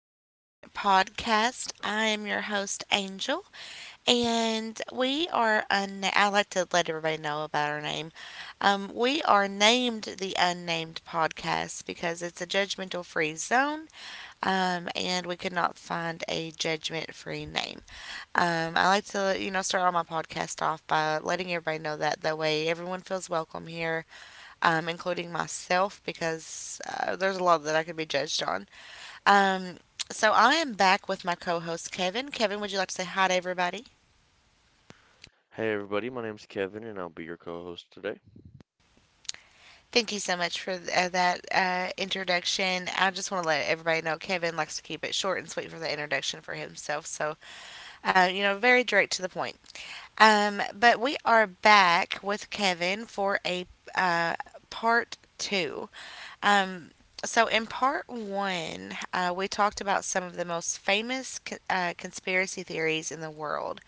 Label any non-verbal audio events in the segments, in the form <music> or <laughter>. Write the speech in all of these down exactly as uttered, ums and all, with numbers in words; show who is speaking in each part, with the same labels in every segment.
Speaker 1: Unnamed Podcast. I am your host, Angel, and we are unnamed. I like to let everybody know about our name. Um, we are named the Unnamed Podcast because it's a judgmental free zone, um, and we could not find a judgment free name. Um, I like to, you know, start all my podcast off by letting everybody know that that way everyone feels welcome here, um, including myself, because uh, there's a lot that I could be judged on. Um, so I am back with my co-host Kevin. Kevin, would you like to say hi to everybody?
Speaker 2: Hey everybody, my name's Kevin and I'll be your co-host today.
Speaker 1: Thank you so much for th- uh, that uh, introduction. I just want to let everybody know Kevin likes to keep it short and sweet for the introduction for himself. So, uh, you know, very direct to the point. Um, but we are back with Kevin for a uh, part two. Um, so, in part one, uh, we talked about some of the most famous co- uh, conspiracy theories in the world.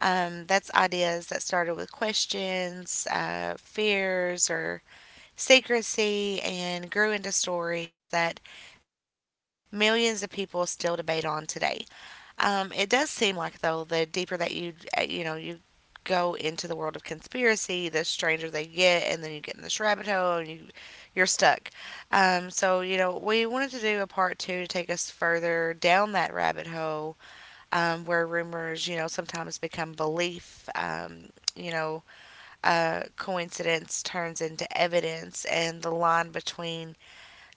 Speaker 1: Um, that's ideas that started with questions, uh, fears, or secrecy, and grew into stories that millions of people still debate on today. Um, it does seem like though the deeper that you uh, you know you go into the world of conspiracy, the stranger they get, and then you get in this rabbit hole and you you're stuck. Um, so you know we wanted to do a part two to take us further down that rabbit hole um, where rumors, you know, sometimes become belief. Um, you know, uh, Coincidence turns into evidence, and the line between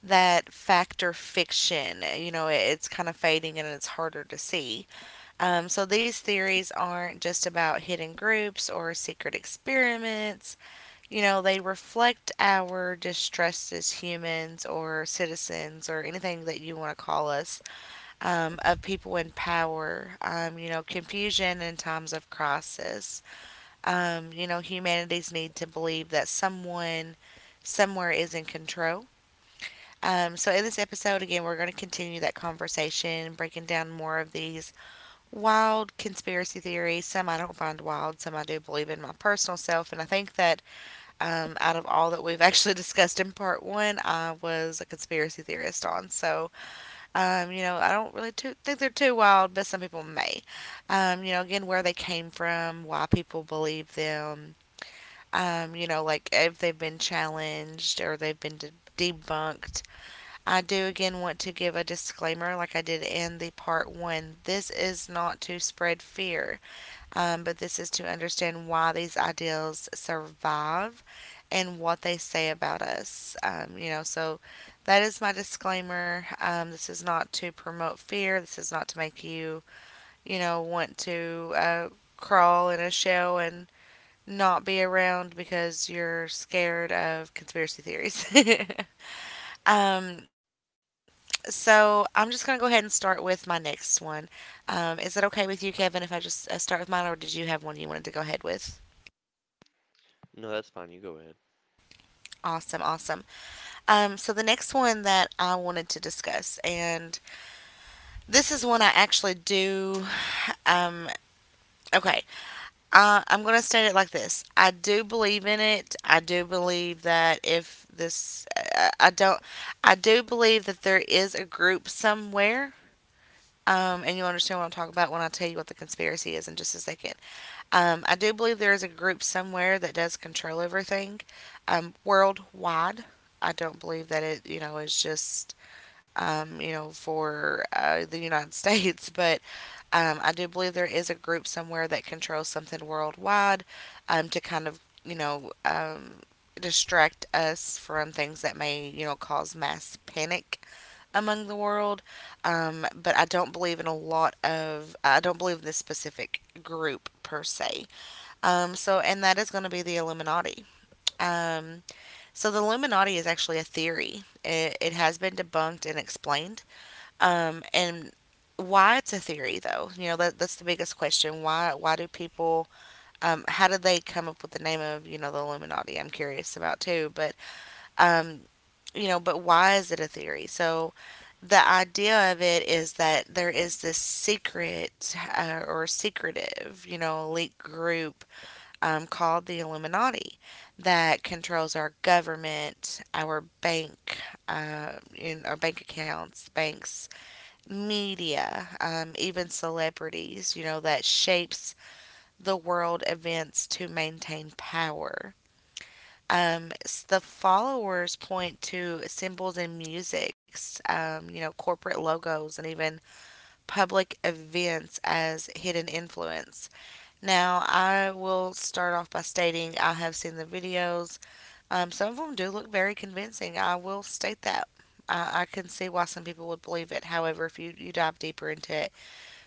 Speaker 1: that fact or fiction, you know, it, it's kind of fading and it's harder to see. Um, so these theories aren't just about hidden groups or secret experiments. You know, they reflect our distrust as humans or citizens or anything that you want to call us um, of people in power, um, you know, confusion in times of crisis. Um, you know, humanity's need to believe that someone somewhere is in control. Um, so, in this episode, again, we're going to continue that conversation, breaking down more of these wild conspiracy theories. Some I don't find wild, some I do believe in my personal self. And I think that um, out of all that we've <laughs> actually discussed in part one, I was a conspiracy theorist on. So, um, you know, I don't really too, think they're too wild, but some people may. Um, you know, again, where they came from, why people believe them. Um, you know, like if they've been challenged or they've been de- debunked. I do again want to give a disclaimer, like I did in the part one. This is not to spread fear um, but this is to understand why these ideals survive and what they say about us. Um, you know, so that is my disclaimer. Um, this is not to promote fear. This is not to make you, you know, want to uh, crawl in a shell and not be around because you're scared of conspiracy theories. <laughs> Um, so I'm just going to go ahead and start with my next one. Um, is it okay with you, Kevin, if I just uh, start with mine, or did you have one you wanted to go ahead with?
Speaker 2: No, that's fine. You go ahead.
Speaker 1: Awesome, awesome. Um, so the next one that I wanted to discuss, and this is one I actually do. Um, okay, uh, I'm going to state it like this I do believe in it. I do believe that if this, uh, I don't, I do believe that there is a group somewhere. Um, and you'll understand what I'm talking about when I tell you what the conspiracy is in just a second. Um, I do believe there is a group somewhere that does control everything um, worldwide. I don't believe that it, you know, is just, um, you know, for uh, the United <laughs> States, but um, I do believe there is a group somewhere that controls something worldwide um, to kind of, you know, um, distract us from things that may, you know, cause mass panic among the world, um, but I don't believe in a lot of, I don't believe in this specific group per se. Um, so, and that is going to be the Illuminati. Um, so, the Illuminati is actually a theory, it, it has been debunked and explained. Um, and why it's a theory though, you know, that, that's the biggest question. Why why do people, um, how did they come up with the name of, you know, the Illuminati? I'm curious about too, but um, you know, but why is it a theory? So the idea of it is that there is this secret uh, or secretive, you know, elite group um, called the Illuminati that controls our government, our bank, uh, in our bank accounts, banks, media, um, even celebrities, you know, that shapes the world events to maintain power. Um, s- the followers point to symbols and musics, um, you know, corporate logos, and even public events as hidden influence. Now, I will start off by stating I have seen the videos. Um, some of them do look very convincing. I will state that. I, I can see why some people would believe it. However, if you, you dive deeper into it,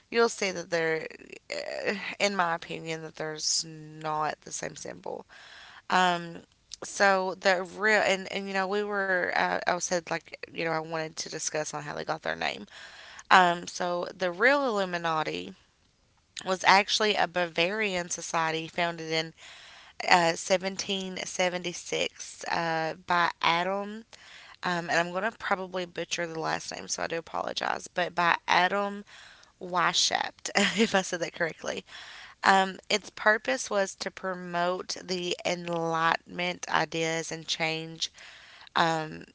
Speaker 1: you'll see that there, uh, in my opinion, that there's not the same symbol. Um, so the real and and you know we were uh, I said like you know I wanted to discuss on how they got their name. Um, so the real Illuminati was actually a Bavarian society founded in uh, seventeen seventy-six uh, by Adam, um, and I'm going to probably butcher the last name, so I do apologize, but by Adam Weishaupt, <laughs> if I said that correctly. Um, its purpose was to promote the Enlightenment ideas and change um,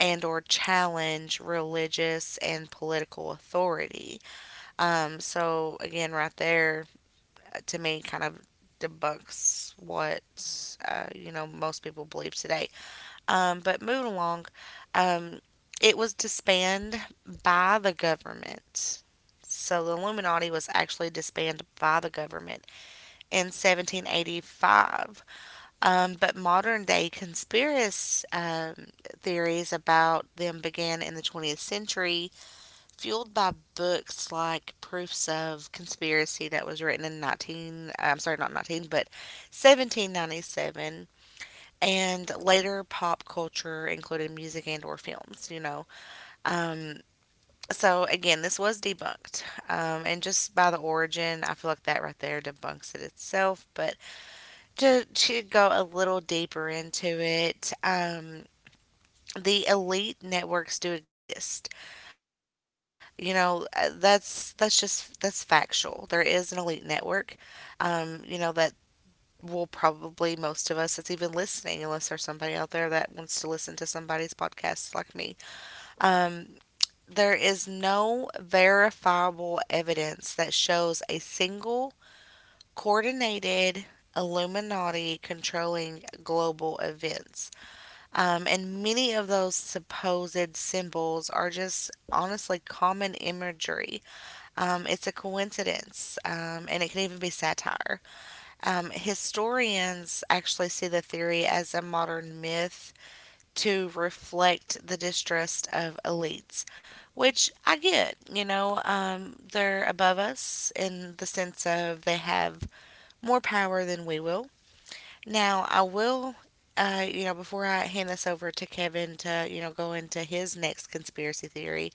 Speaker 1: and or challenge religious and political authority. Um, so again, right there uh, to me kind of debunks what uh, you know most people believe today. Um, but moving along, um, it was disbanded by the government. So the Illuminati was actually disbanded by the government in seventeen eighty-five. Um, but modern day conspiracy um, theories about them began in the twentieth century, fueled by books like Proofs of Conspiracy that was written in nineteen, I'm sorry, not nineteen, but seventeen ninety-seven, and later pop culture, including music and or films, you know. Um, so again, this was debunked. Um, and just by the origin, I feel like that right there debunks it itself, but to to go a little deeper into it, um, the elite networks do exist. You know, uh, that's that's just that's factual. There is an elite network. Um, you know that will probably most of us that's even listening, unless there's somebody out there that wants to listen to somebody's podcast like me. Um, there is no verifiable evidence that shows a single coordinated Illuminati controlling global events. Um, and many of those supposed symbols are just honestly common imagery. Um, it's a coincidence, um, and it can even be satire. Um, historians actually see the theory as a modern myth to reflect the distrust of elites, which I get. You know, um, they're above us in the sense of they have more power than we will. Now, I will, uh, you know, before I hand this over to Kevin to, you know, go into his next conspiracy theory,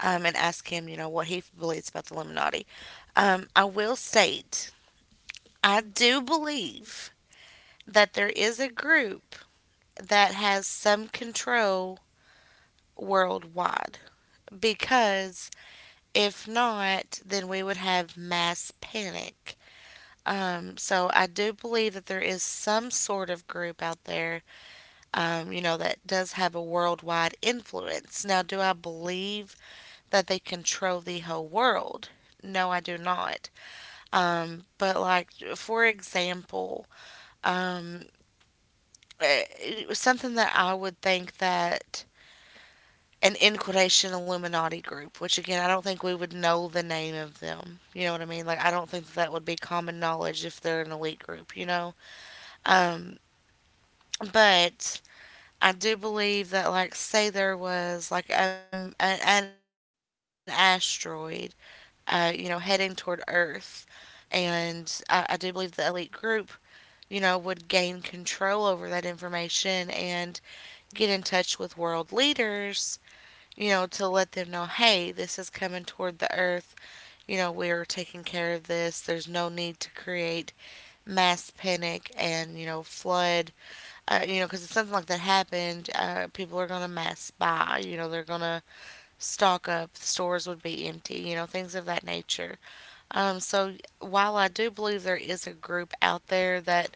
Speaker 1: um, and ask him, you know, what he believes about the Illuminati, um, I will state I do believe that there is a group that has some control worldwide because if not, then we would have mass panic. Um, so I do believe that there is some sort of group out there um, you know, that does have a worldwide influence. Now, do I believe that they control the whole world? No, I do not. Um, but, like, for example, um, eh, something that I would think that an in quotation Illuminati group, which again, I don't think we would know the name of them. You know what I mean? Like, I don't think that that would be common knowledge if they're an elite group, you know? Um, but I do believe that, like, say there was like um, an, an asteroid, uh, you know, heading toward Earth, and I, I do believe the elite group, you know, would gain control over that information and get in touch with world leaders, you know, to let them know, hey, this is coming toward the Earth, you know, we're taking care of this. There's no need to create mass panic and, you know, flood uh, you know, because if something like that happened, uh, people are going to mass spy. You know, they're going to stock up. Stores would be empty. You know, things of that nature. Um, so while I do believe there is a group out there that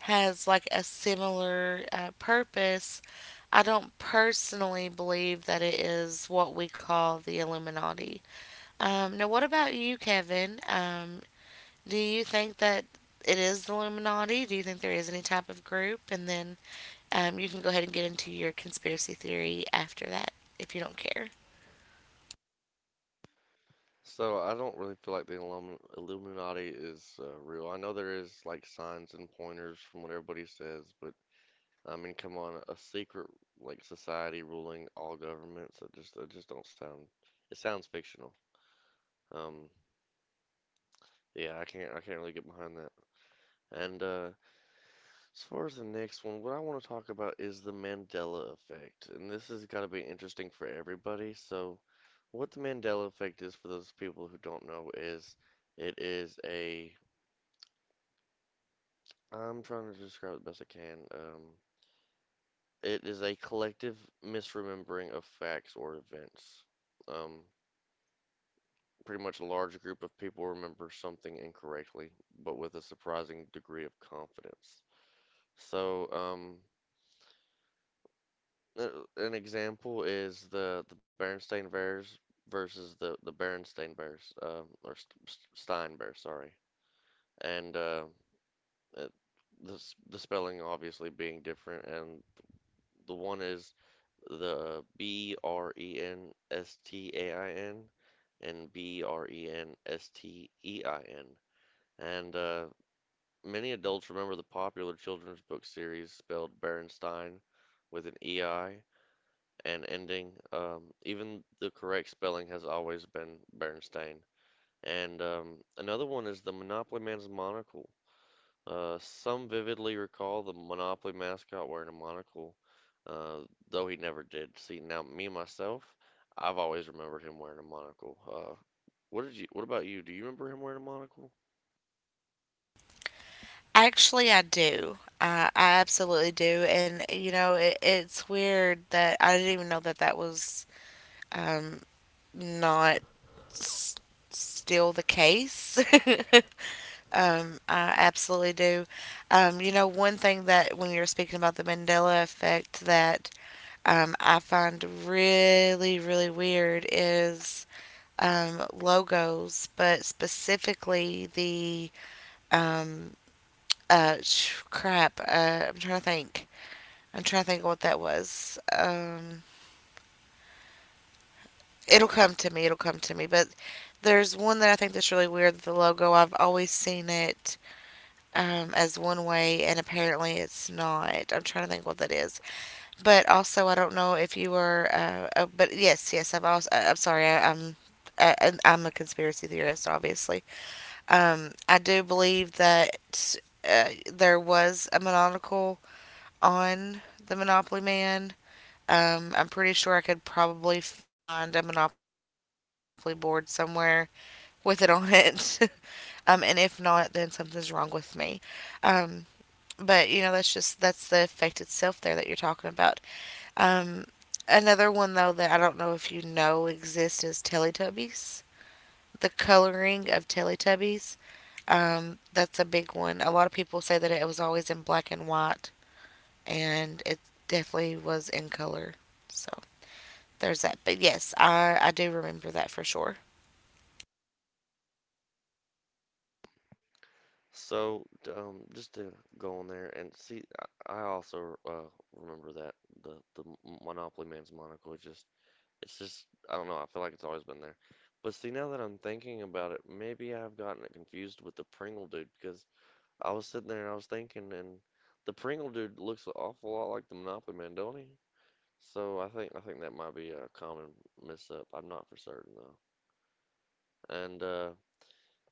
Speaker 1: has like a similar uh, purpose, I don't personally believe that it is what we call the Illuminati. Um, now, what about you, Kevin? Um, do you think that it is the Illuminati? Do you think there is any type of group? And then um, you can go ahead and get into your conspiracy theory after that if you don't care.
Speaker 2: So I don't really feel like the Illum Illuminati is uh, real. I know there is like signs and pointers from what everybody says, but I mean, come on, a secret like society ruling all governments. That just that just don't sound. It sounds fictional. Um, yeah, I can't I can't really get behind that. And uh, As far as the next one, what I want to talk about is the Mandela effect, and this has got to be interesting for everybody. So what the Mandela effect is, for those people who don't know, is it is a. I'm trying to describe it the best I can. Um, it is a collective misremembering of facts or events. Um, Pretty much a large group of people remember something incorrectly, but with a surprising degree of confidence. So, um, an example is the the Berenstain Bears versus the the Berenstain Bears, um, or St Stein Bears, sorry. And uh, uh, the the spelling obviously being different, and the one is the B R E N S T A I N and B R E N S T E I N. And uh, Many adults remember the popular children's book series spelled Bernstein with an E I and ending. Um, even the correct spelling has always been Bernstein. And um, Another one is the Monopoly Man's monocle. Uh, some vividly recall the Monopoly mascot wearing a monocle, uh, though he never did. See, now me myself, I've always remembered him wearing a monocle. Uh, what did you? What about you? Do you remember him wearing a monocle?
Speaker 1: Actually, I do. I, I absolutely do. And, you know, it, it's weird that I didn't even know that that was um, not s- still the case. <laughs> um, I absolutely do. Um, you know, one thing that when you're speaking about the Mandela effect that um, I find really, really weird is um, logos, but specifically the um, uh, sh- crap. Uh, I'm trying to think. I'm trying to think what that was. Um, it'll come to me. It'll come to me. But there's one that I think that's really weird. The logo. I've always seen it um, as one way, and apparently it's not. I'm trying to think what that is. But also, I don't know if you were. Uh, oh, but yes, yes. I've also. I- I'm sorry. I, I'm. I, I'm a conspiracy theorist, obviously. Um, I do believe that uh, there was a monocle on the Monopoly Man. Um, I'm pretty sure I could probably find a Monopoly board somewhere with it on it. <laughs> Um, and if not, then something's wrong with me. Um, but you know, that's just that's the effect itself there that you're talking about. Um, Another one though that I don't know if you know exists is Teletubbies, the coloring of Teletubbies. Um, that's a big one. A lot of people say that it was always in black and white, and it definitely was in color. So there's that. But yes, I, I do remember that for sure.
Speaker 2: So, um, just to go on there and see, I I also uh, remember that the the Monopoly man's monocle. It just it's just I don't know. I feel like it's always been there. But see, now that I'm thinking about it, maybe I've gotten it confused with the Pringle dude because I was sitting there and I was thinking, and the Pringle dude looks an awful lot like the Monopoly man, don't he? So I think I think that might be a common mess up. I'm not for certain though. And uh,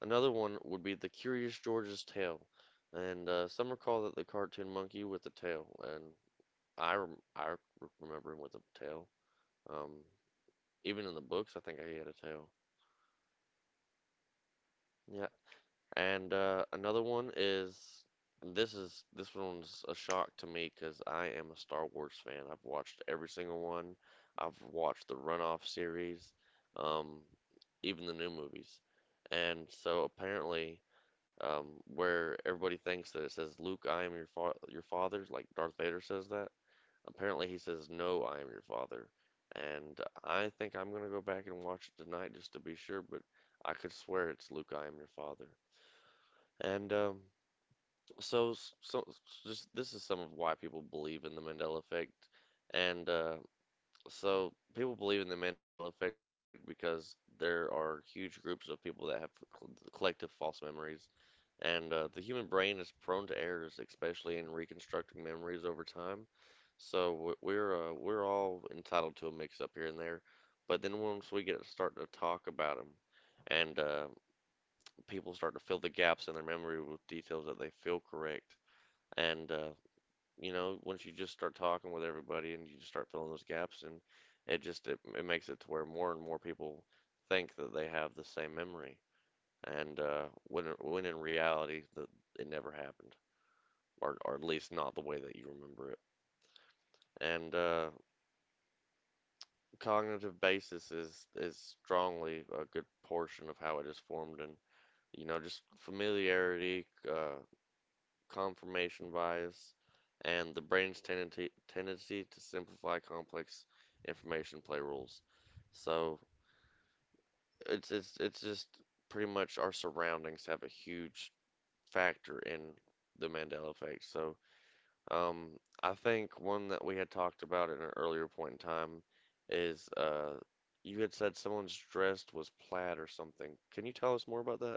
Speaker 2: Another one would be the Curious George's tail, and uh, some recall that the cartoon monkey with the tail, and I rem I remember him with a tail. Um, Even in the books, I think he had a tail. Yeah. And uh, Another one is this is this one's a shock to me because I am a Star Wars fan. I've watched every single one. I've watched the runoff series, um, even the new movies. And so apparently, um, where everybody thinks that it says Luke, I am your fa your father, like Darth Vader says that. Apparently, he says no, I am your father. And I think I'm gonna go back and watch it tonight just to be sure, but I could swear it's Luke, I am your father. And um, so, s- so s- just this is some of why people believe in the Mandela effect. And uh, so people believe in the Mandela effect because there are huge groups of people that have cl- collective false memories. And uh, The human brain is prone to errors, especially in reconstructing memories over time. So w- we're uh, we're all entitled to a mix up here and there. But then once we get to start to talk about them and uh, people start to fill the gaps in their memory with details that they feel correct. And uh, You know, once you just start talking with everybody and you just start filling those gaps, and it just it, it makes it to where more and more people think that they have the same memory. And uh, when when in reality, that it never happened, or or at least not the way that you remember it. And uh, Cognitive basis is is strongly a good portion of how it is formed, and you know, just familiarity, uh, confirmation bias, and the brain's tendency tendency to simplify complex information play rules. So it's it's it's just pretty much our surroundings have a huge factor in the Mandela effect. So um, I think one that we had talked about at an earlier point in time is uh, you had said someone's dress was plaid or something. Can you tell us more about that?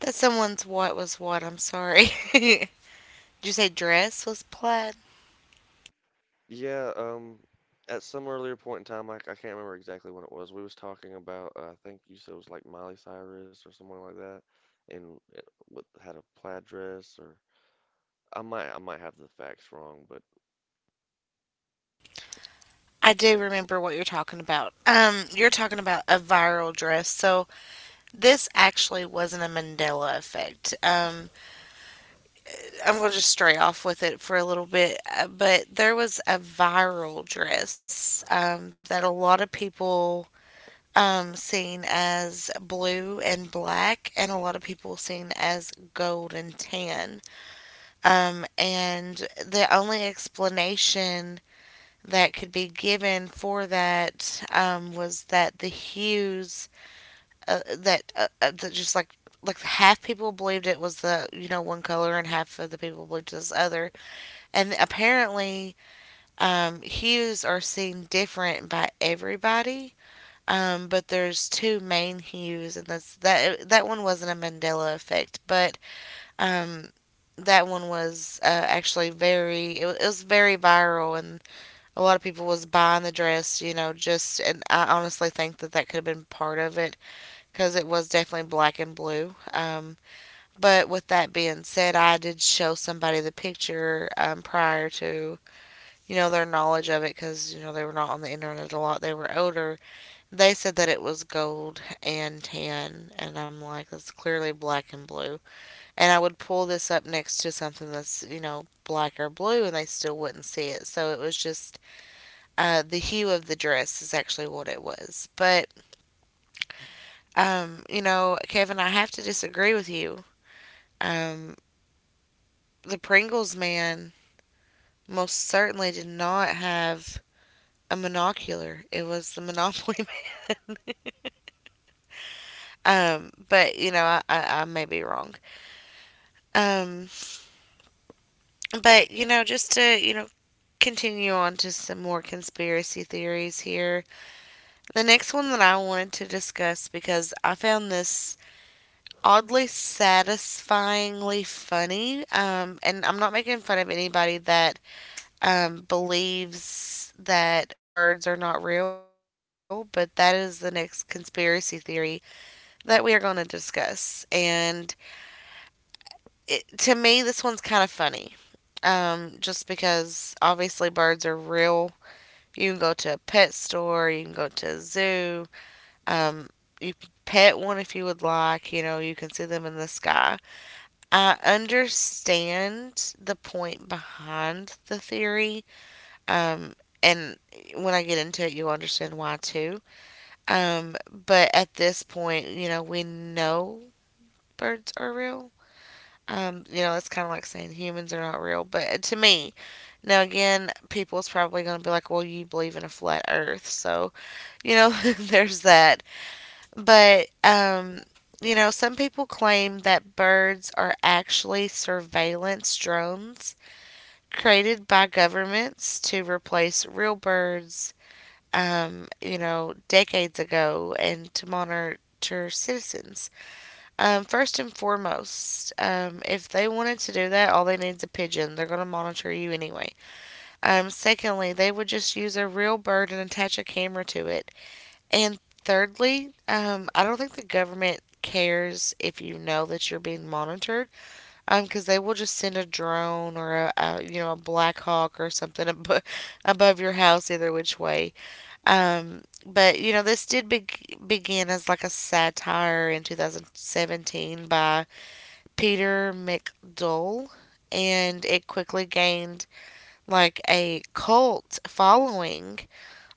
Speaker 1: That someone's what was what. I'm sorry. <laughs> Did you say dress was plaid?
Speaker 2: Yeah, um, at some earlier point in time, like I can't remember exactly when it was, we was talking about, uh, I think you said it was like Miley Cyrus or someone like that, and it, what had a plaid dress or I might I might have the facts wrong, but
Speaker 1: I do remember what you're talking about. Um, you're talking about a viral dress. So this actually wasn't a Mandela effect. Um, I'm going to just stray off with it for a little bit, uh, but there was a viral dress um, that a lot of people um, seen as blue and black, and a lot of people seen as gold and tan. Um, and the only explanation that could be given for that um, was that the hues uh, that uh, uh, that just like like half people believed it was the, you know, one color and half of the people believed this other, and apparently, um, hues are seen different by everybody. Um, but there's two main hues, and that's that. That one wasn't a Mandela effect, but um, that one was uh, actually very. It, wa- it was very viral, and a lot of people was buying the dress. You know, just and I honestly think that that could have been part of it because it was definitely black and blue. Um, but with that being said, I did show somebody the picture um, prior to, you know, their knowledge of it because, you know, they were not on the internet a lot. They were older. They said that it was gold and tan. And I'm like, that's clearly black and blue. And I would pull this up next to something that's, you know, black or blue and they still wouldn't see it. So it was just uh, the hue of the dress is actually what it was. But, um, you know, Kevin, I have to disagree with you. Um, the Pringles man most certainly did not have a monocular. It was the Monopoly man. <laughs> Um, but you know, I, I, I may be wrong. Um, but you know, just to, you know, continue on to some more conspiracy theories here. The next one that I wanted to discuss because I found this oddly satisfyingly funny, um, and I'm not making fun of anybody that um, believes that birds are not real, but that is the next conspiracy theory that we are going to discuss. And it, to me, this one's kind of funny. Um, just because obviously birds are real. You can go to a pet store, you can go to a zoo, um, you can pet one if you would like, you know, you can see them in the sky. I understand the point behind the theory, um, and when I get into it, you'll understand why too. Um, but at this point, you know, we know birds are real. Um, you know, it's kind of like saying humans are not real, but uh, to me, now again, people's probably going to be like, "Well, you believe in a flat Earth," so you know, <laughs> there's that. But um, you know, some people claim that birds are actually surveillance drones created by governments to replace real birds. Um, you know, decades ago, and to monitor citizens. Um, first and foremost, um, if they wanted to do that, all they need is a pigeon. They're going to monitor you anyway. Um, secondly, they would just use a real bird and attach a camera to it. And thirdly, um, I don't think the government cares if you know that you're being monitored um, because they will just send a drone or a, a you know a black hawk or something <laughs> ab- above your house either which way, um, but you know this did be- begin as like a satire in twenty seventeen by Peter McDoll, and it quickly gained like a cult following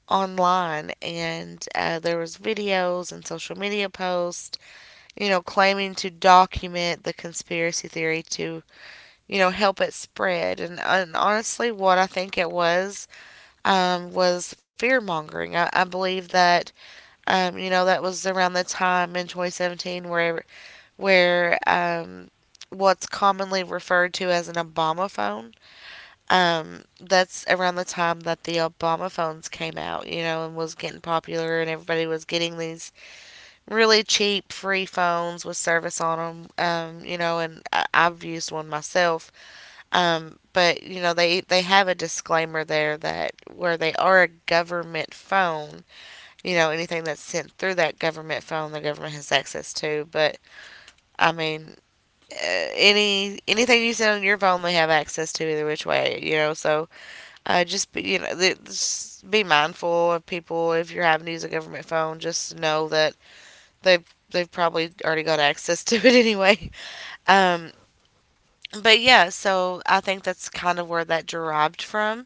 Speaker 1: online, and uh, there was videos and social media posts, you know, claiming to document the conspiracy theory to, you know, help it spread. And, and honestly what I think it was, um, was fear mongering. I, I believe that um, you know that was around the time in twenty seventeen where where um, what's commonly referred to as an Obama phone. Um, that's around the time that the Obama phones came out, you know, and was getting popular, and everybody was getting these really cheap free phones with service on them, um, you know, and I- I've used one myself. Um, but you know, they they have a disclaimer there that where they are a government phone, you know, anything that's sent through that government phone, the government has access to. But I mean, uh, any anything you send on your phone they have access to either which way, you know, so uh, just be, you know, just be mindful of people. If you're having to use a government phone, just know that they've they've probably already got access <laughs> to it anyway. um but yeah, so I think that's kind of where that derived from.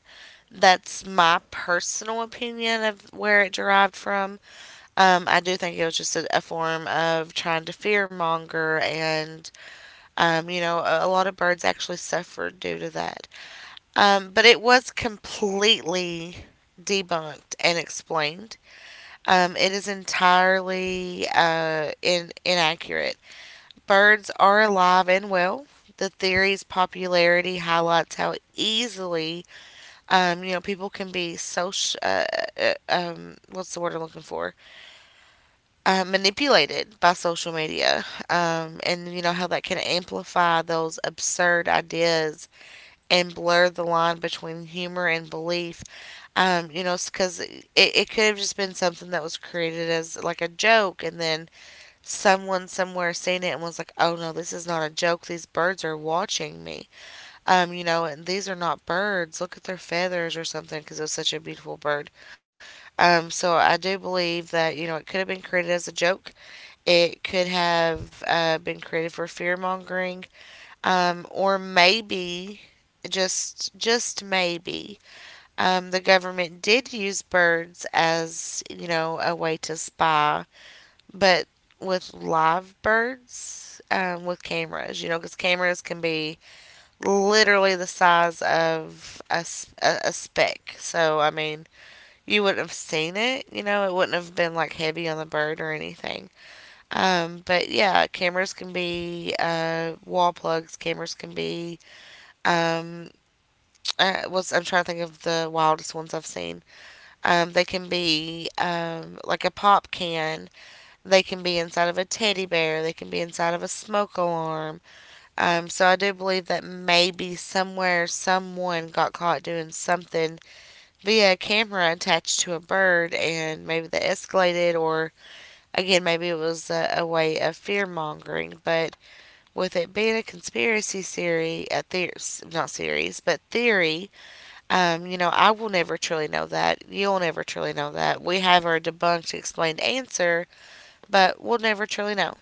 Speaker 1: That's my personal opinion of where it derived from. um I do think it was just a, a form of trying to fear monger, and um, you know, a, a lot of birds actually suffered due to that. Um, but it was completely debunked and explained. Um, it is entirely uh, in, inaccurate. Birds are alive and well. The theory's popularity highlights how easily, um, you know, people can be social. Uh, uh, um, what's the word I'm looking for? Uh, manipulated by social media, um, and you know how that can amplify those absurd ideas and blur the line between humor and belief. Um, you know, because it, it could have just been something that was created as like a joke, and then someone somewhere seen it and was like, oh no, this is not a joke. These birds are watching me. Um, you know, and these are not birds. Look at their feathers or something, because it was such a beautiful bird. Um, so I do believe that, you know, it could have been created as a joke, it could have uh, been created for fear mongering, um, or maybe just just maybe um, the government did use birds as, you know, a way to spy, but with live birds, um, with cameras, you know, because cameras can be literally the size of a a a speck. So I mean, you wouldn't have seen it, you know, it wouldn't have been like heavy on the bird or anything. Um, but yeah, cameras can be uh, wall plugs. Cameras can be um, uh, what's, I'm trying to think of the wildest ones I've seen. Um, they can be, um, like a pop can. They can be inside of a teddy bear. They can be inside of a smoke alarm. Um, so I do believe that maybe somewhere someone got caught doing something via a camera attached to a bird, and maybe that escalated, or again, maybe it was a, a way of fear mongering. But with it being a conspiracy theory, a theor- not series, but theory. Um, you know, I will never truly know that. You'll never truly know that. We have our debunked, explained answer, but we'll never truly know.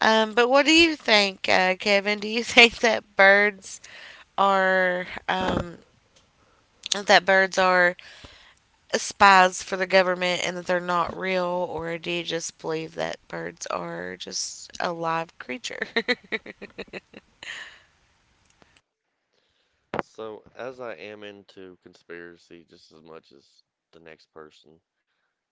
Speaker 1: Um, but what do you think, uh, Kevin? Do you <laughs> think that birds are um, that birds are spies for the government and that they're not real, or do you just believe that birds are just a live creature? <laughs>
Speaker 2: so as I am into conspiracy just as much as the next person,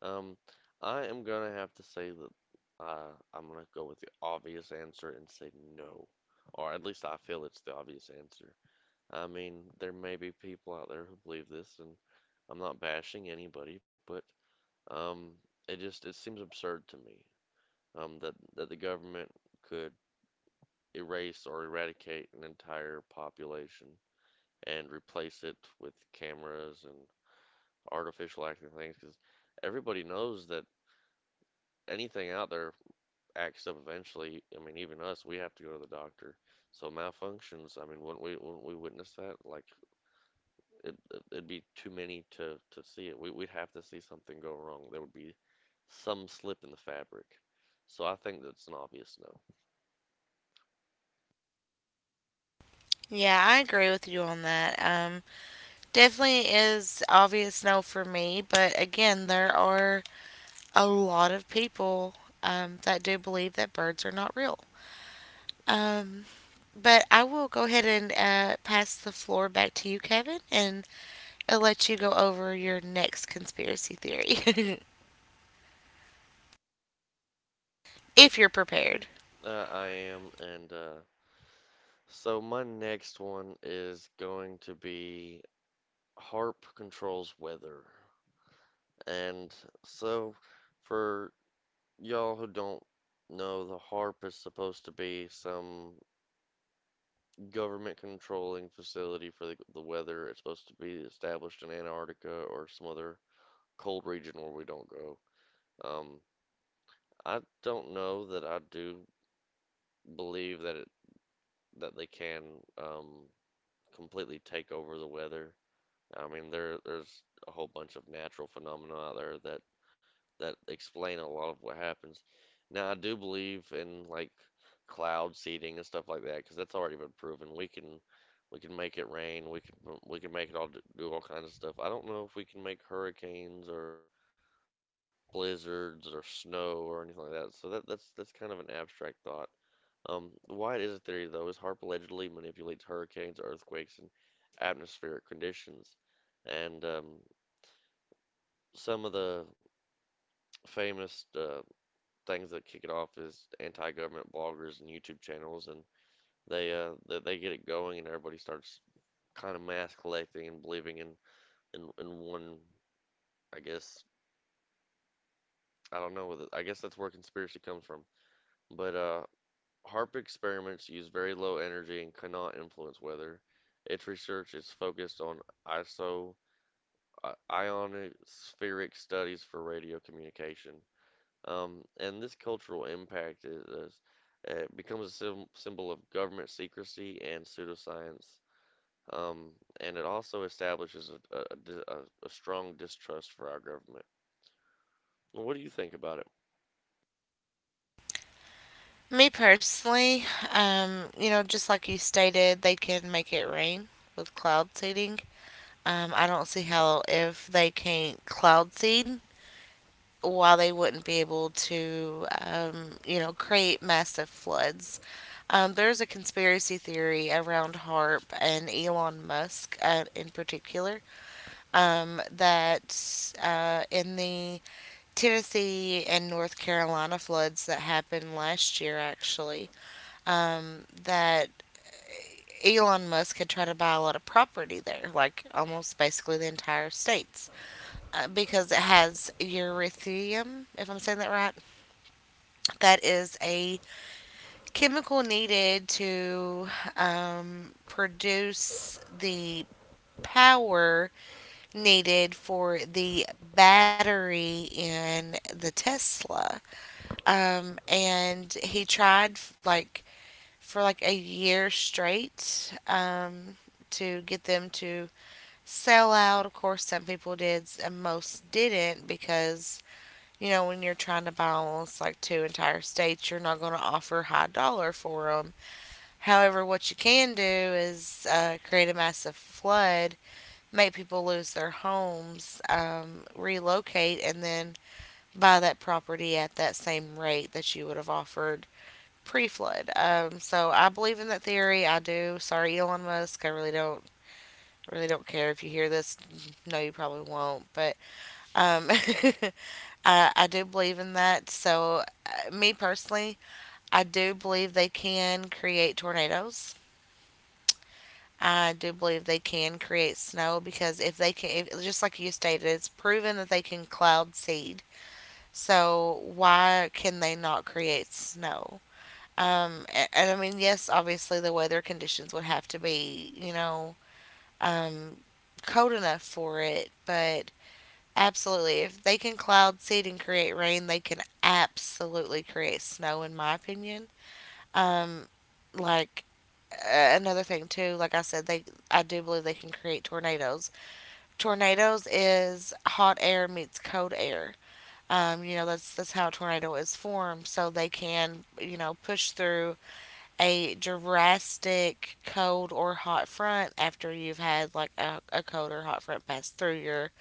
Speaker 2: um, I am gonna have to say that uh, I'm gonna go with the obvious answer and say no, or at least I feel it's the obvious answer. I mean, there may be people out there who believe this, and I'm not bashing anybody, but um, it just it seems absurd to me um, that that the government could erase or eradicate an entire population and replace it with cameras and artificial acting things, because everybody knows that anything out there acts up eventually. I mean, even us, we have to go to the doctor. So malfunctions, I mean, wouldn't we wouldn't we witness that? Like it, it- would be too many to, to see it. We, we'd have to see something go wrong. There would be some slip in the fabric. So I think that's an obvious no.
Speaker 1: Yeah, I agree with you on that. Um, definitely is obvious no for me, but again, there are a lot of people, um, that do believe that birds are not real. Um, but I will go ahead and uh, pass the floor back to you, Kevin, and I'll let you go over your next conspiracy theory <laughs> if you're prepared.
Speaker 2: Uh, I am, and uh, so my next one is going to be Harp controls weather. And so for y'all who don't know, the Harp is supposed to be some government controlling facility for the, the weather. It's supposed to be established in Antarctica or some other cold region where we don't go. Um, I don't know that I do believe that it that they can um, completely take over the weather. I mean, there there's a whole bunch of natural phenomena out there that that explain a lot of what happens. Now, I do believe in like cloud seeding and stuff like that because that's already been proven. We can we can make it rain. We can we can make it all do all kinds of stuff. I don't know if we can make hurricanes or blizzards or snow or anything like that. So that that's that's kind of an abstract thought. Um, why it is a theory though is HARP allegedly manipulates hurricanes, earthquakes, and atmospheric conditions. And um, Some of the famous uh, things that kick it off is anti-government bloggers and YouTube channels, and they uh, they, they get it going, and everybody starts kind of mass collecting and believing in, in in one, I guess. I don't know. I guess that's where conspiracy comes from. But uh, HARP experiments use very low energy and cannot influence weather. Its research is focused on iso i- ionospheric studies for radio communication. Um, and this cultural impact is, is it becomes a sym symbol of government secrecy and pseudoscience. Um, and it also establishes a, a, a- a strong distrust for our government. What do you think about it?
Speaker 1: Me personally, um, you know, just like you stated, they can make it rain with cloud seeding. Um, I don't see how if they can't cloud seed while they wouldn't be able to, um, you know, create massive floods. Um, there's a conspiracy theory around H A R P and Elon Musk, uh, in particular, um, that uh, in the Tennessee and North Carolina floods that happened last year, actually, um, that Elon Musk had tried to buy a lot of property there, like almost basically the entire states, uh, because it has uranium, if I'm saying that right, that is a chemical needed to, um, produce the power needed for the battery in the Tesla. Um, and he tried, like, for like a year straight, um, to get them to sell out. Of course, some people did, and most didn't because, you know, when you're trying to balance like two entire states, you're not going to offer high dollar for them. However, what you can do is uh, create a massive flood, make people lose their homes, um, relocate, and then buy that property at that same rate that you would have offered pre-flood. Um, so I believe in that theory. I do. Sorry, Elon Musk. I really don't. Really don't care if you hear this. No, you probably won't. But um, <laughs> I, I do believe in that. So, uh, me personally, I do believe they can create tornadoes. I do believe they can create snow because if they can, if, just like you stated, it's proven that they can cloud seed. So, why can they not create snow? Um, and, and I mean, yes, obviously the weather conditions would have to be, you know, um, cold enough for it, but absolutely. If they can cloud seed and create rain, they can absolutely create snow, in my opinion. Um, like uh, another thing too, like I said, they I do believe they can create tornadoes. Tornadoes is hot air meets cold air. Um, you know that's that's how a tornado is formed, so they can, you know push through a drastic cold or hot front after you've had like a, a cold or hot front pass through your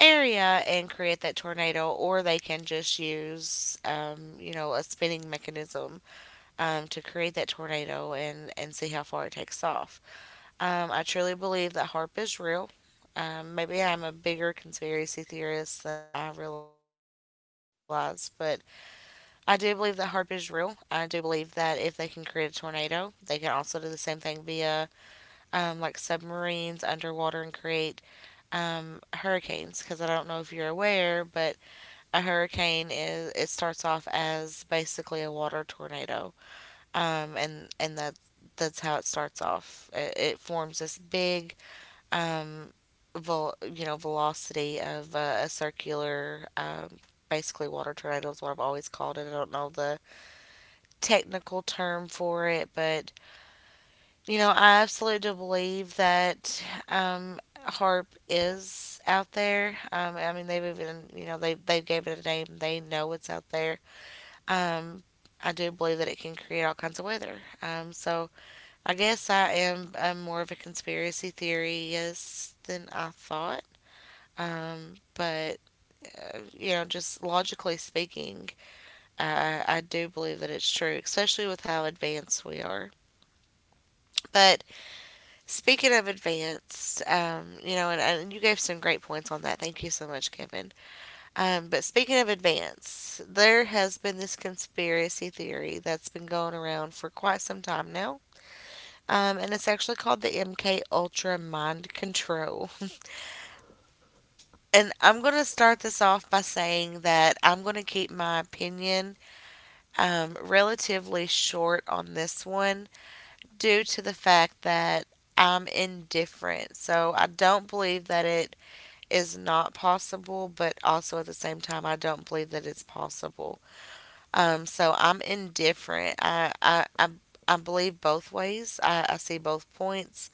Speaker 1: area and create that tornado, or they can just use, um, you know, a spinning mechanism, um, to create that tornado and, and see how far it takes off. Um, I truly believe that H A R P is real. Um, maybe I'm a bigger conspiracy theorist than I realize, but I do believe that H A R P is real. I do believe that if they can create a tornado, they can also do the same thing via, um, like submarines underwater and create, um, hurricanes. Because I don't know if you're aware, but a hurricane is it starts off as basically a water tornado, um, and and that that's how it starts off. It, it forms this big, um, vol- you know, velocity of uh, a circular. Um, basically water tornado is what I've always called it. I don't know the technical term for it, but, you know, I absolutely do believe that, um, HARP is out there. Um, I mean, they've even, you know they they gave it a name. They know it's out there. Um, I do believe that it can create all kinds of weather. Um, so I guess I am, um, more of a conspiracy theorist than I thought. Um, but uh, you know, just logically speaking, uh, I do believe that it's true, especially with how advanced we are. But speaking of advanced, um, you know, and, and you gave some great points on that. Thank you so much, Kevin. Um, but speaking of advance, there has been this conspiracy theory that's been going around for quite some time now. Um, and it's actually called the M K Ultra Mind Control. And I'm going to start this off by saying that I'm going to keep my opinion, um, relatively short on this one due to the fact that I'm indifferent. So I don't believe that it is not possible, but also at the same time, I don't believe that it's possible. Um, so I'm indifferent. I I, I, I believe both ways. I, I see both points.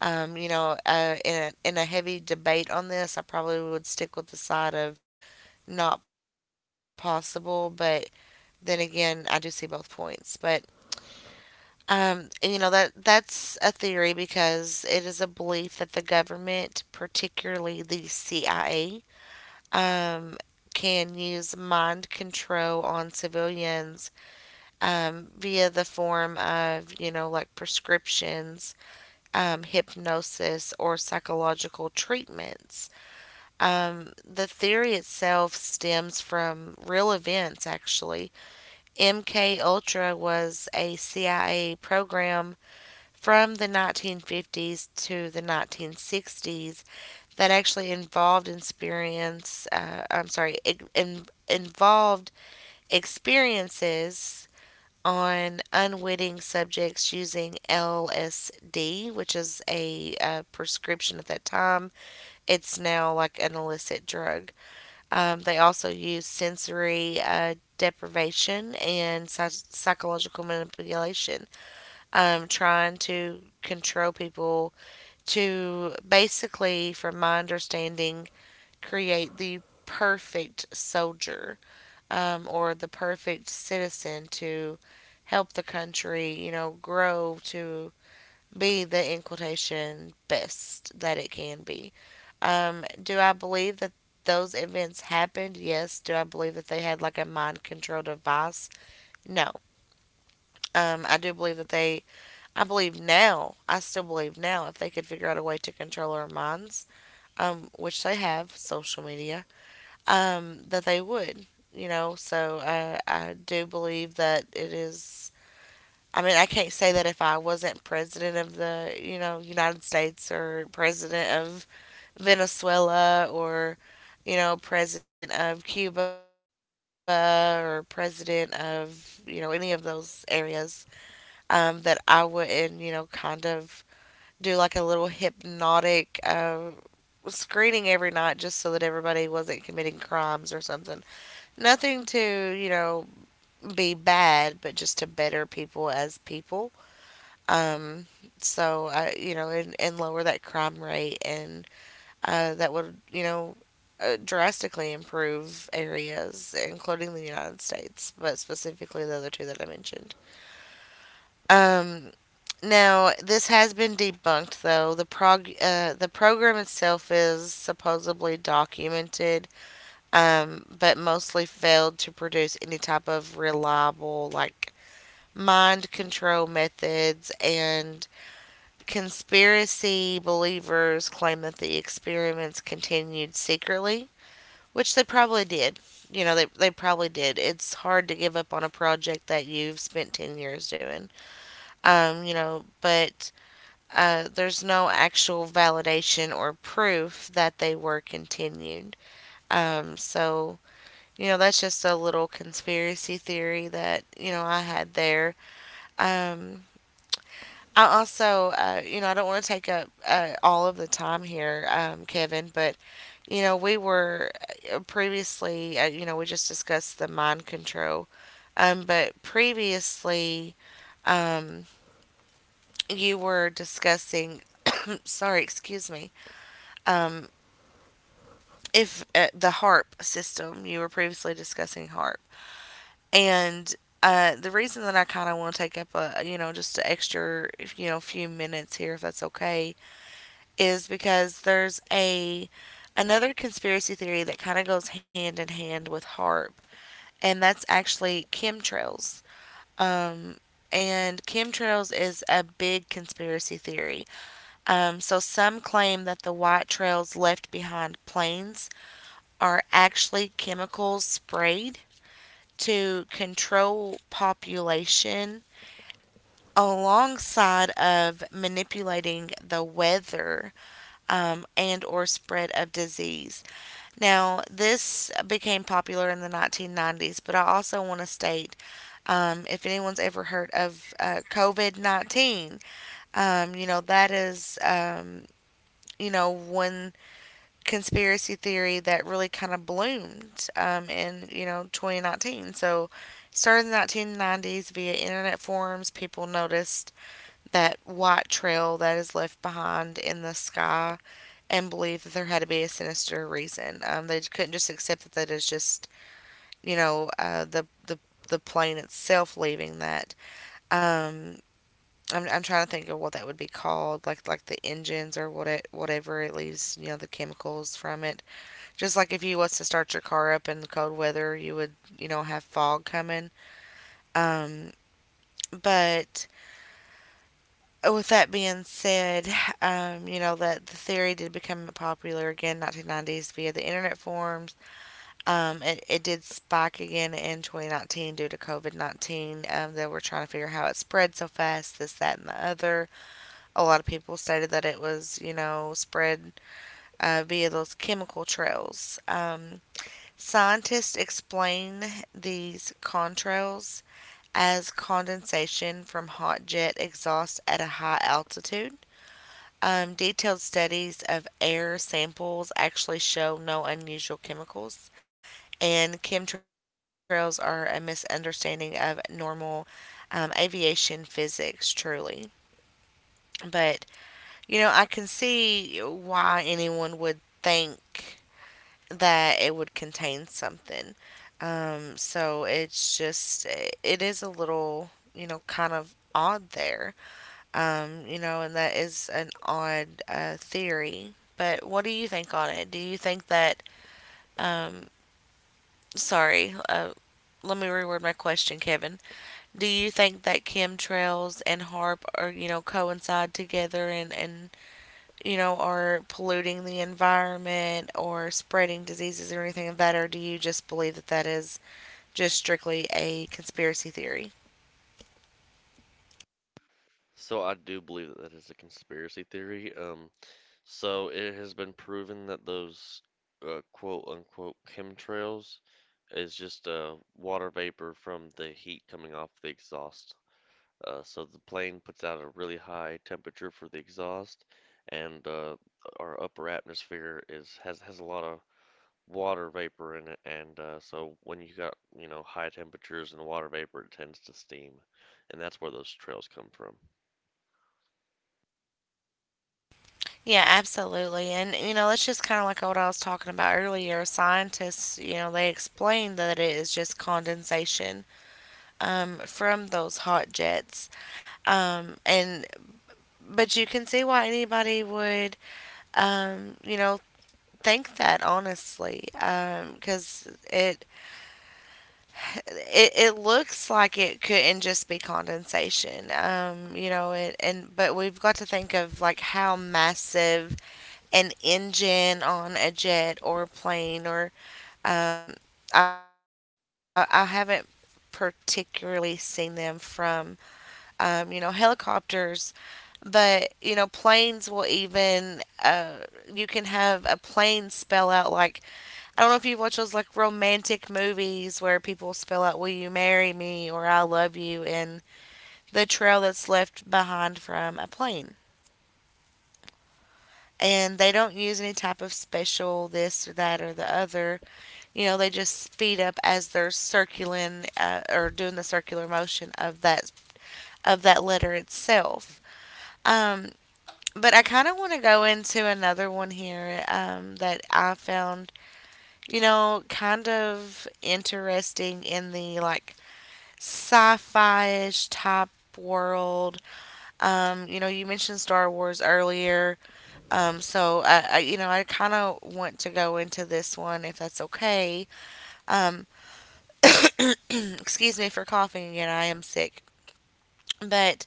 Speaker 1: Um, you know, uh, in a, in a heavy debate on this, I probably would stick with the side of not possible. But then again, I do see both points. But um, and, you know that that's a theory because it is a belief that the government, particularly the C I A, um, can use mind control on civilians, um, via the form of, you know, like prescriptions, um, hypnosis, or psychological treatments. Um, the theory itself stems from real events, actually. M K Ultra was a C I A program from the nineteen fifties to the nineteen sixties that actually involved experience. Uh, I'm sorry, in, involved experiences on unwitting subjects using L S D, which is a, uh prescription at that time. It's now like an illicit drug. Um, they also use sensory uh, deprivation and psy- psychological manipulation, um, trying to control people to basically, from my understanding, create the perfect soldier, um, or the perfect citizen to help the country, you know, grow to be the, in quotation, best that it can be. Um, do I believe that those events happened? Yes. Do I believe that they had like a mind control device? No. Um, I do believe that they, I believe now, I still believe now, if they could figure out a way to control our minds, um, which they have, social media, um, that they would, you know. So uh, I do believe that it is. I mean, I can't say that if I wasn't president of the, you know, United States or president of Venezuela or, you know, president of Cuba or president of, you know, any of those areas, um, that I wouldn't, you know, kind of do like a little hypnotic uh, screening every night just so that everybody wasn't committing crimes or something. Nothing to, you know, be bad, but just to better people as people. Um, so I, you know, and, and lower that crime rate, and uh, that would, you know, uh, drastically improve areas, including the United States, but specifically the other two that I mentioned. Um, Now, this has been debunked, though. The prog- uh, the program itself is supposedly documented, um, but mostly failed to produce any type of reliable, like, mind control methods. And conspiracy believers claim that the experiments continued secretly, which they probably did. You know, they, they probably did. It's hard to give up on a project that you've spent ten years doing. Um, you know, but uh, there's no actual validation or proof that they were continued. Um, so you know, that's just a little conspiracy theory that, you know, I had there. Um, I also, uh, you know, I don't want to take up uh, all of the time here, um, Kevin, but, you know, we were uh, previously, uh, you know, we just discussed the mind control. Um, but previously, um, you were discussing, <coughs> sorry, excuse me, um, if uh, the H A R P system, you were previously discussing H A R P. And uh, the reason that I kind of want to take up a, you know just an extra, you know few minutes here, if that's okay, is because there's a another conspiracy theory that kind of goes hand in hand with HARP, and that's actually chemtrails. Um, and chemtrails is a big conspiracy theory. Um, so some claim that the white trails left behind planes are actually chemicals sprayed to control population alongside of manipulating the weather, um, and or spread of disease. Now this became popular in the nineteen nineties, but I also want to state, um, if anyone's ever heard of, uh, COVID nineteen, um, you know that is, um, you know one conspiracy theory that really kind of bloomed, um, in, you know twenty nineteen. So started in the nineteen nineties via internet forums, people noticed that white trail that is left behind in the sky and believe that there had to be a sinister reason. Um, they couldn't just accept that that is just, you know, uh, the, the, the plane itself leaving that. Um, I'm, I'm trying to think of what that would be called, like like the engines or what it, whatever it leaves, you know, the chemicals from it. Just like if you was to start your car up in the cold weather, you would, you know, have fog coming. Um, but with that being said, um, you know that the theory did become popular again in nineteen nineties via the internet forums. Um, it, it did spike again in twenty nineteen due to COVID nineteen. Um, they were trying to figure out how it spread so fast, this, that, and the other. A lot of people stated that it was, you know, spread uh, via those chemical trails. Um, scientists explain these contrails as condensation from hot jet exhaust at a high altitude. Um, detailed studies of air samples actually show no unusual chemicals, and chemtrails are a misunderstanding of normal um, aviation physics, truly. But, you know, I can see why anyone would think that it would contain something. Um, so it's just, it is a little, you know, kind of odd there. Um, you know, and that is an odd uh, theory. But what do you think on it? Do you think that, um, sorry, uh, let me reword my question, Kevin. Do you think that chemtrails and harp are, you know, coincide together and, and you know, are polluting the environment or spreading diseases or anything of that? Or do you just believe that that is just strictly a conspiracy theory?
Speaker 2: So I do believe that that is a conspiracy theory. Um, So it has been proven that those uh, quote unquote chemtrails is just uh, water vapor from the heat coming off the exhaust. Uh, so the plane puts out a really high temperature for the exhaust, and uh, our upper atmosphere is has has a lot of water vapor in it, and uh, so when you got you know high temperatures and water vapor, it tends to steam, and that's where those trails come from.
Speaker 1: Yeah, absolutely. And, you know, that's just kind of like what I was talking about earlier. Scientists, you know, they explain that it is just condensation um, from those hot jets. Um, and, but you can see why anybody would, um, you know, think that honestly, because it, it it looks like it couldn't just be condensation. Um, you know, it, and but we've got to think of like how massive an engine on a jet or a plane or um, I, I haven't particularly seen them from um, you know helicopters but you know planes will even uh, you can have a plane spell out like I don't know if you've watched those like romantic movies where people spell out will you marry me or I love you and the trail that's left behind from a plane and they don't use any type of special this or that or the other you know, they just speed up as they're circulating uh, or doing the circular motion of that of that letter itself. Um, but I kind of want to go into another one here um, that I found, you know, kind of interesting in the like sci-fi ish type world. Um, you know, you mentioned Star Wars earlier, um, so I, I, you know, I kind of want to go into this one if that's okay. Um, Excuse me for coughing again. I am sick. But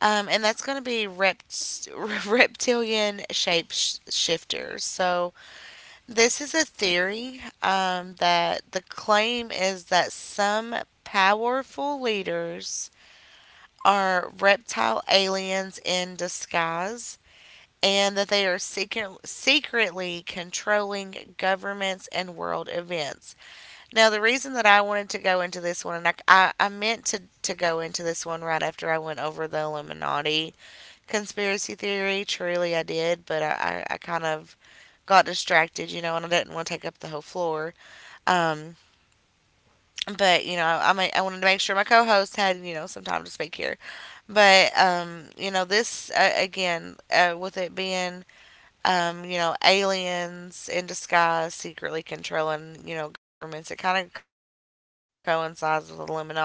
Speaker 1: um, and that's going to be rept- <laughs> reptilian shapeshifters. So this is a theory um, that the claim is that some powerful leaders are reptile aliens in disguise, and that they are secret- secretly controlling governments and world events. Now, the reason that I wanted to go into this one, and I, I, I meant to, to go into this one right after I went over the Illuminati conspiracy theory. Truly, I did, but I, I, I kind of got distracted, you know, and I didn't want to take up the whole floor. Um, but you know, I I wanted to make sure my co-host had you know some time to speak here. But um, you know, this uh, again uh, with it being um, you know aliens in disguise secretly controlling you know governments, it kind of coincides with Illuminati because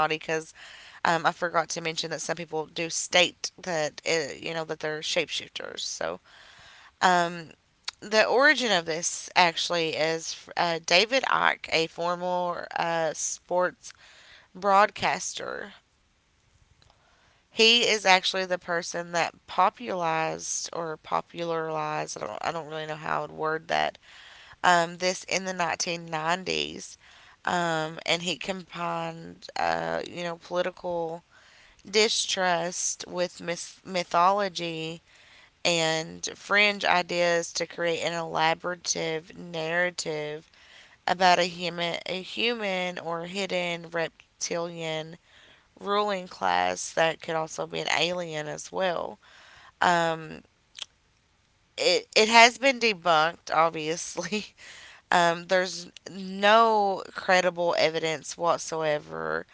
Speaker 1: um, I forgot to mention that some people do state that it, you know that they're shapeshifters. So um, the origin of this actually is uh, David Icke, a former uh, sports broadcaster. He is actually the person that popularized or popularized. I don't, I don't really know how I would word that. Um, this in the nineteen nineties, um, and he combined uh, you know political distrust with myth- mythology and fringe ideas to create an elaborative narrative about a human, a human or hidden reptilian ruling class that could also be an alien as well. Um, it, it has been debunked, obviously. <laughs> Um, there's no credible evidence whatsoever.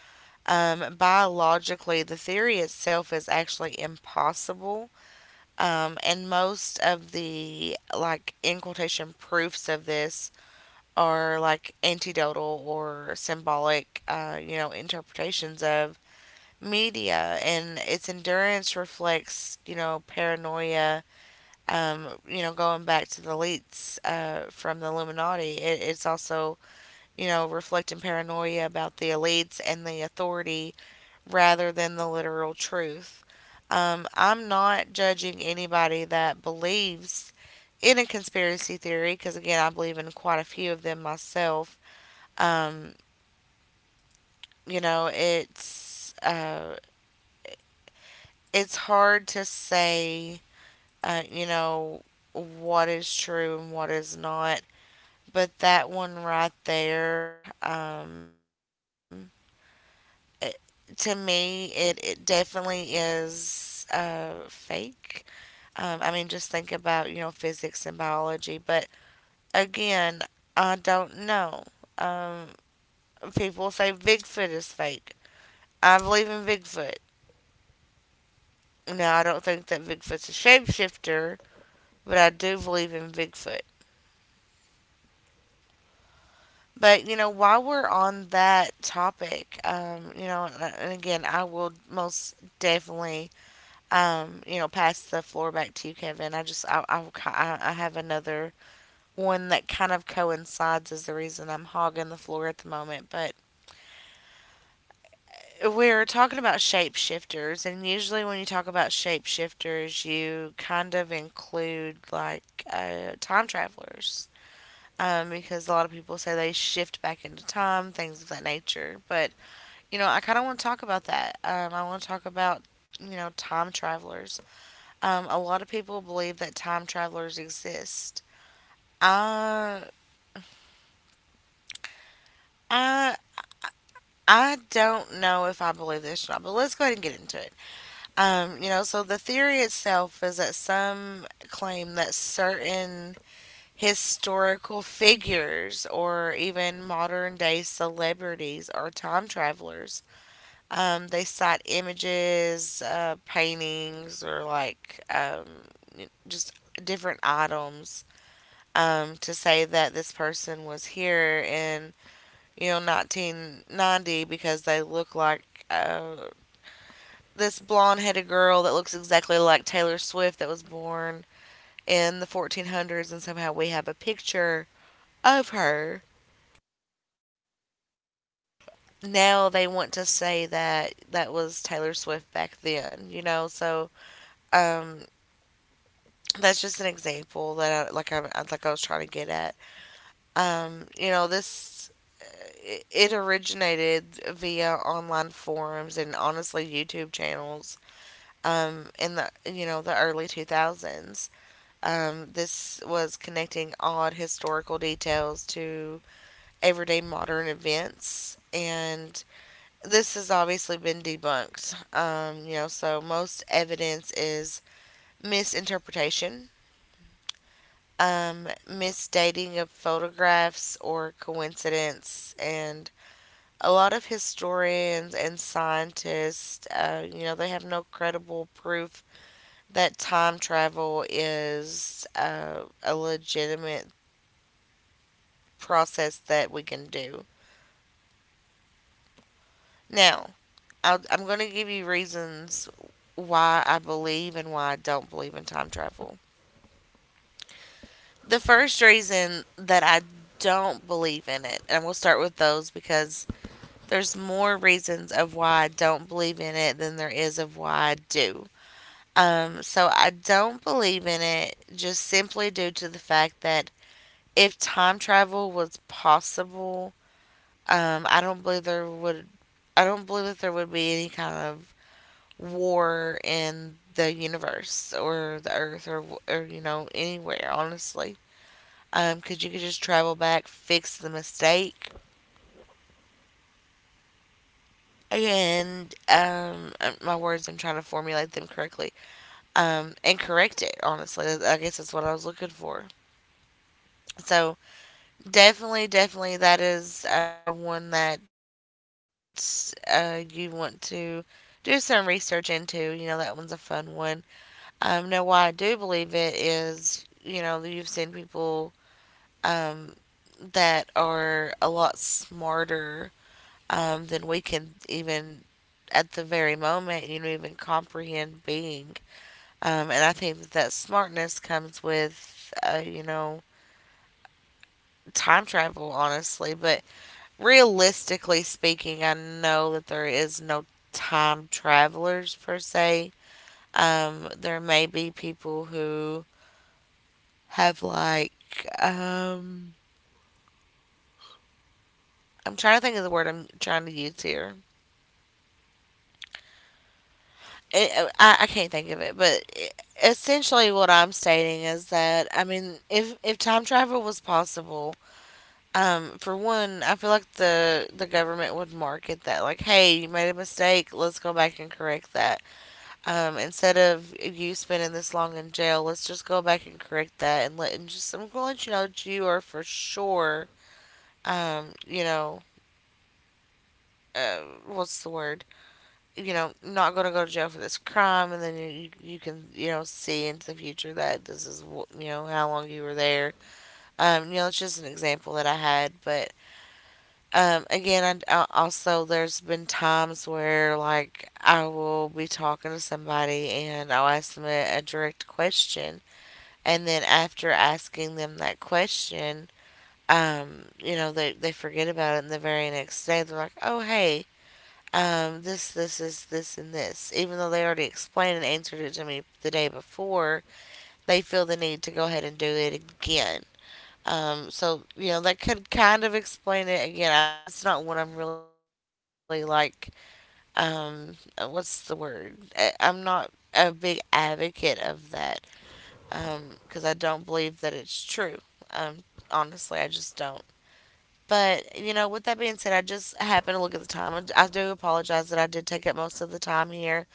Speaker 1: Um, biologically, the theory itself is actually impossible. Um, and most of the, like, in quotation proofs of this are like antidotal or symbolic, uh, you know, interpretations of media. And its endurance reflects, you know, paranoia, um, you know, going back to the elites uh, from the Illuminati. It, it's also, you know, reflecting paranoia about the elites and the authority rather than the literal truth. Um, I'm not judging anybody that believes in a conspiracy theory because, again, I believe in quite a few of them myself. Um, you know, it's uh, it's hard to say, uh, you know, what is true and what is not. But that one right there, um, it, to me, it, it definitely is uh, fake. Um, I mean, just think about, you know, physics and biology. But again, I don't know. Um, People say Bigfoot is fake. I believe in Bigfoot. Now, I don't think that Bigfoot's a shapeshifter, but I do believe in Bigfoot. But, you know, while we're on that topic, um, you know, and and again, I will most definitely, um, you know, pass the floor back to you, Kevin. I just, I, I, I have another one that kind of coincides is the reason I'm hogging the floor at the moment. But we're talking about shapeshifters, and usually when you talk about shapeshifters, you kind of include like uh, time travelers. Um, because a lot of people say they shift back into time, things of that nature. But, you know, I kind of want to talk about that. Um, I want to talk about, you know, time travelers. Um, a lot of people believe that time travelers exist. Uh, I I don't know if I believe this or not, but let's go ahead and get into it. Um, you know, so the theory itself is that some claim that certain historical figures or even modern day celebrities are time travelers. Um, they cite images, uh, paintings, or like um, just different items um, to say that this person was here and you know, nineteen ninety because they look like uh, this blonde headed girl that looks exactly like Taylor Swift that was born in the fourteen hundreds, and somehow we have a picture of her. Now they want to say that that was Taylor Swift back then, you know, so um, that's just an example that I, like I like I was trying to get at. Um, you know, this it originated via online forums and honestly YouTube channels um, in the you know the early two thousands. Um, this was connecting odd historical details to everyday modern events, and this has obviously been debunked. Um, you know, so most evidence is misinterpretation, um, misdating of photographs or coincidence, and a lot of historians and scientists, uh, you know, they have no credible proof that time travel is uh, a legitimate process that we can do. Now, I'll, I'm going to give you reasons why I believe and why I don't believe in time travel. The first reason that I don't believe in it, and we'll start with those because there's more reasons of why I don't believe in it than there is of why I do. Um, so I don't believe in it just simply due to the fact that if time travel was possible, um, I don't believe there would. I don't believe that there would be any kind of war in the universe or the Earth or or you know anywhere. Honestly, um, because you could just travel back, fix the mistake, and um, uh, my words. I'm trying to formulate them correctly. Um, and correct it. Honestly, I guess that's what I was looking for. So definitely, definitely, that is uh, one that uh, you want to do some research into. You know, that one's a fun one. Um, no, why I do believe it is, you know, you've seen people um, that are a lot smarter um, than we can even at the very moment, you know, even comprehend being. Um, and I think that that smartness comes with, uh, you know, time travel, honestly. But realistically speaking, I know that there is no time travelers per se. Um, there may be people who have like um, I'm trying to think of the word I'm trying to use here. It, I, I can't think of it, but essentially what I'm stating is that I mean, if if time travel was possible, um, for one, I feel like the the government would market that like, hey, you made a mistake, let's go back and correct that. Um, instead of you spending this long in jail, let's just go back and correct that and let and just I'm gonna let you know that you are for sure um, you know, uh, what's the word? You know, not going to go to jail for this crime, and then you, you you can you know see into the future that this is wh- you know how long you were there. Um, you know, it's just an example that I had, but um, again, I, I also there's been times where like I will be talking to somebody and I'll ask them a, a direct question, and then after asking them that question, um, you know, they they forget about it, and the very next day they're like, oh hey um, this, this, is this, and this. Even though they already explained and answered it to me the day before, they feel the need to go ahead and do it again. Um, so you know that could kind of explain it again. I, it's not what I'm really like. Um, uh, what's the word? I, I'm not a big advocate of that um, because I don't believe that it's true. Um, Honestly, I just don't. But you know, with that being said, I just happened to look at the time. I do apologize that I did take up most of the time here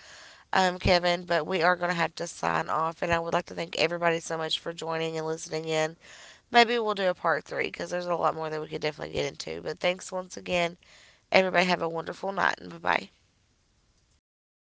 Speaker 1: um, Kevin, but we are going to have to sign off. And I would like to thank everybody so much for joining and listening in. Maybe we'll do a part three because there's a lot more that we could definitely get into. But thanks once again. Everybody have a wonderful night and bye bye.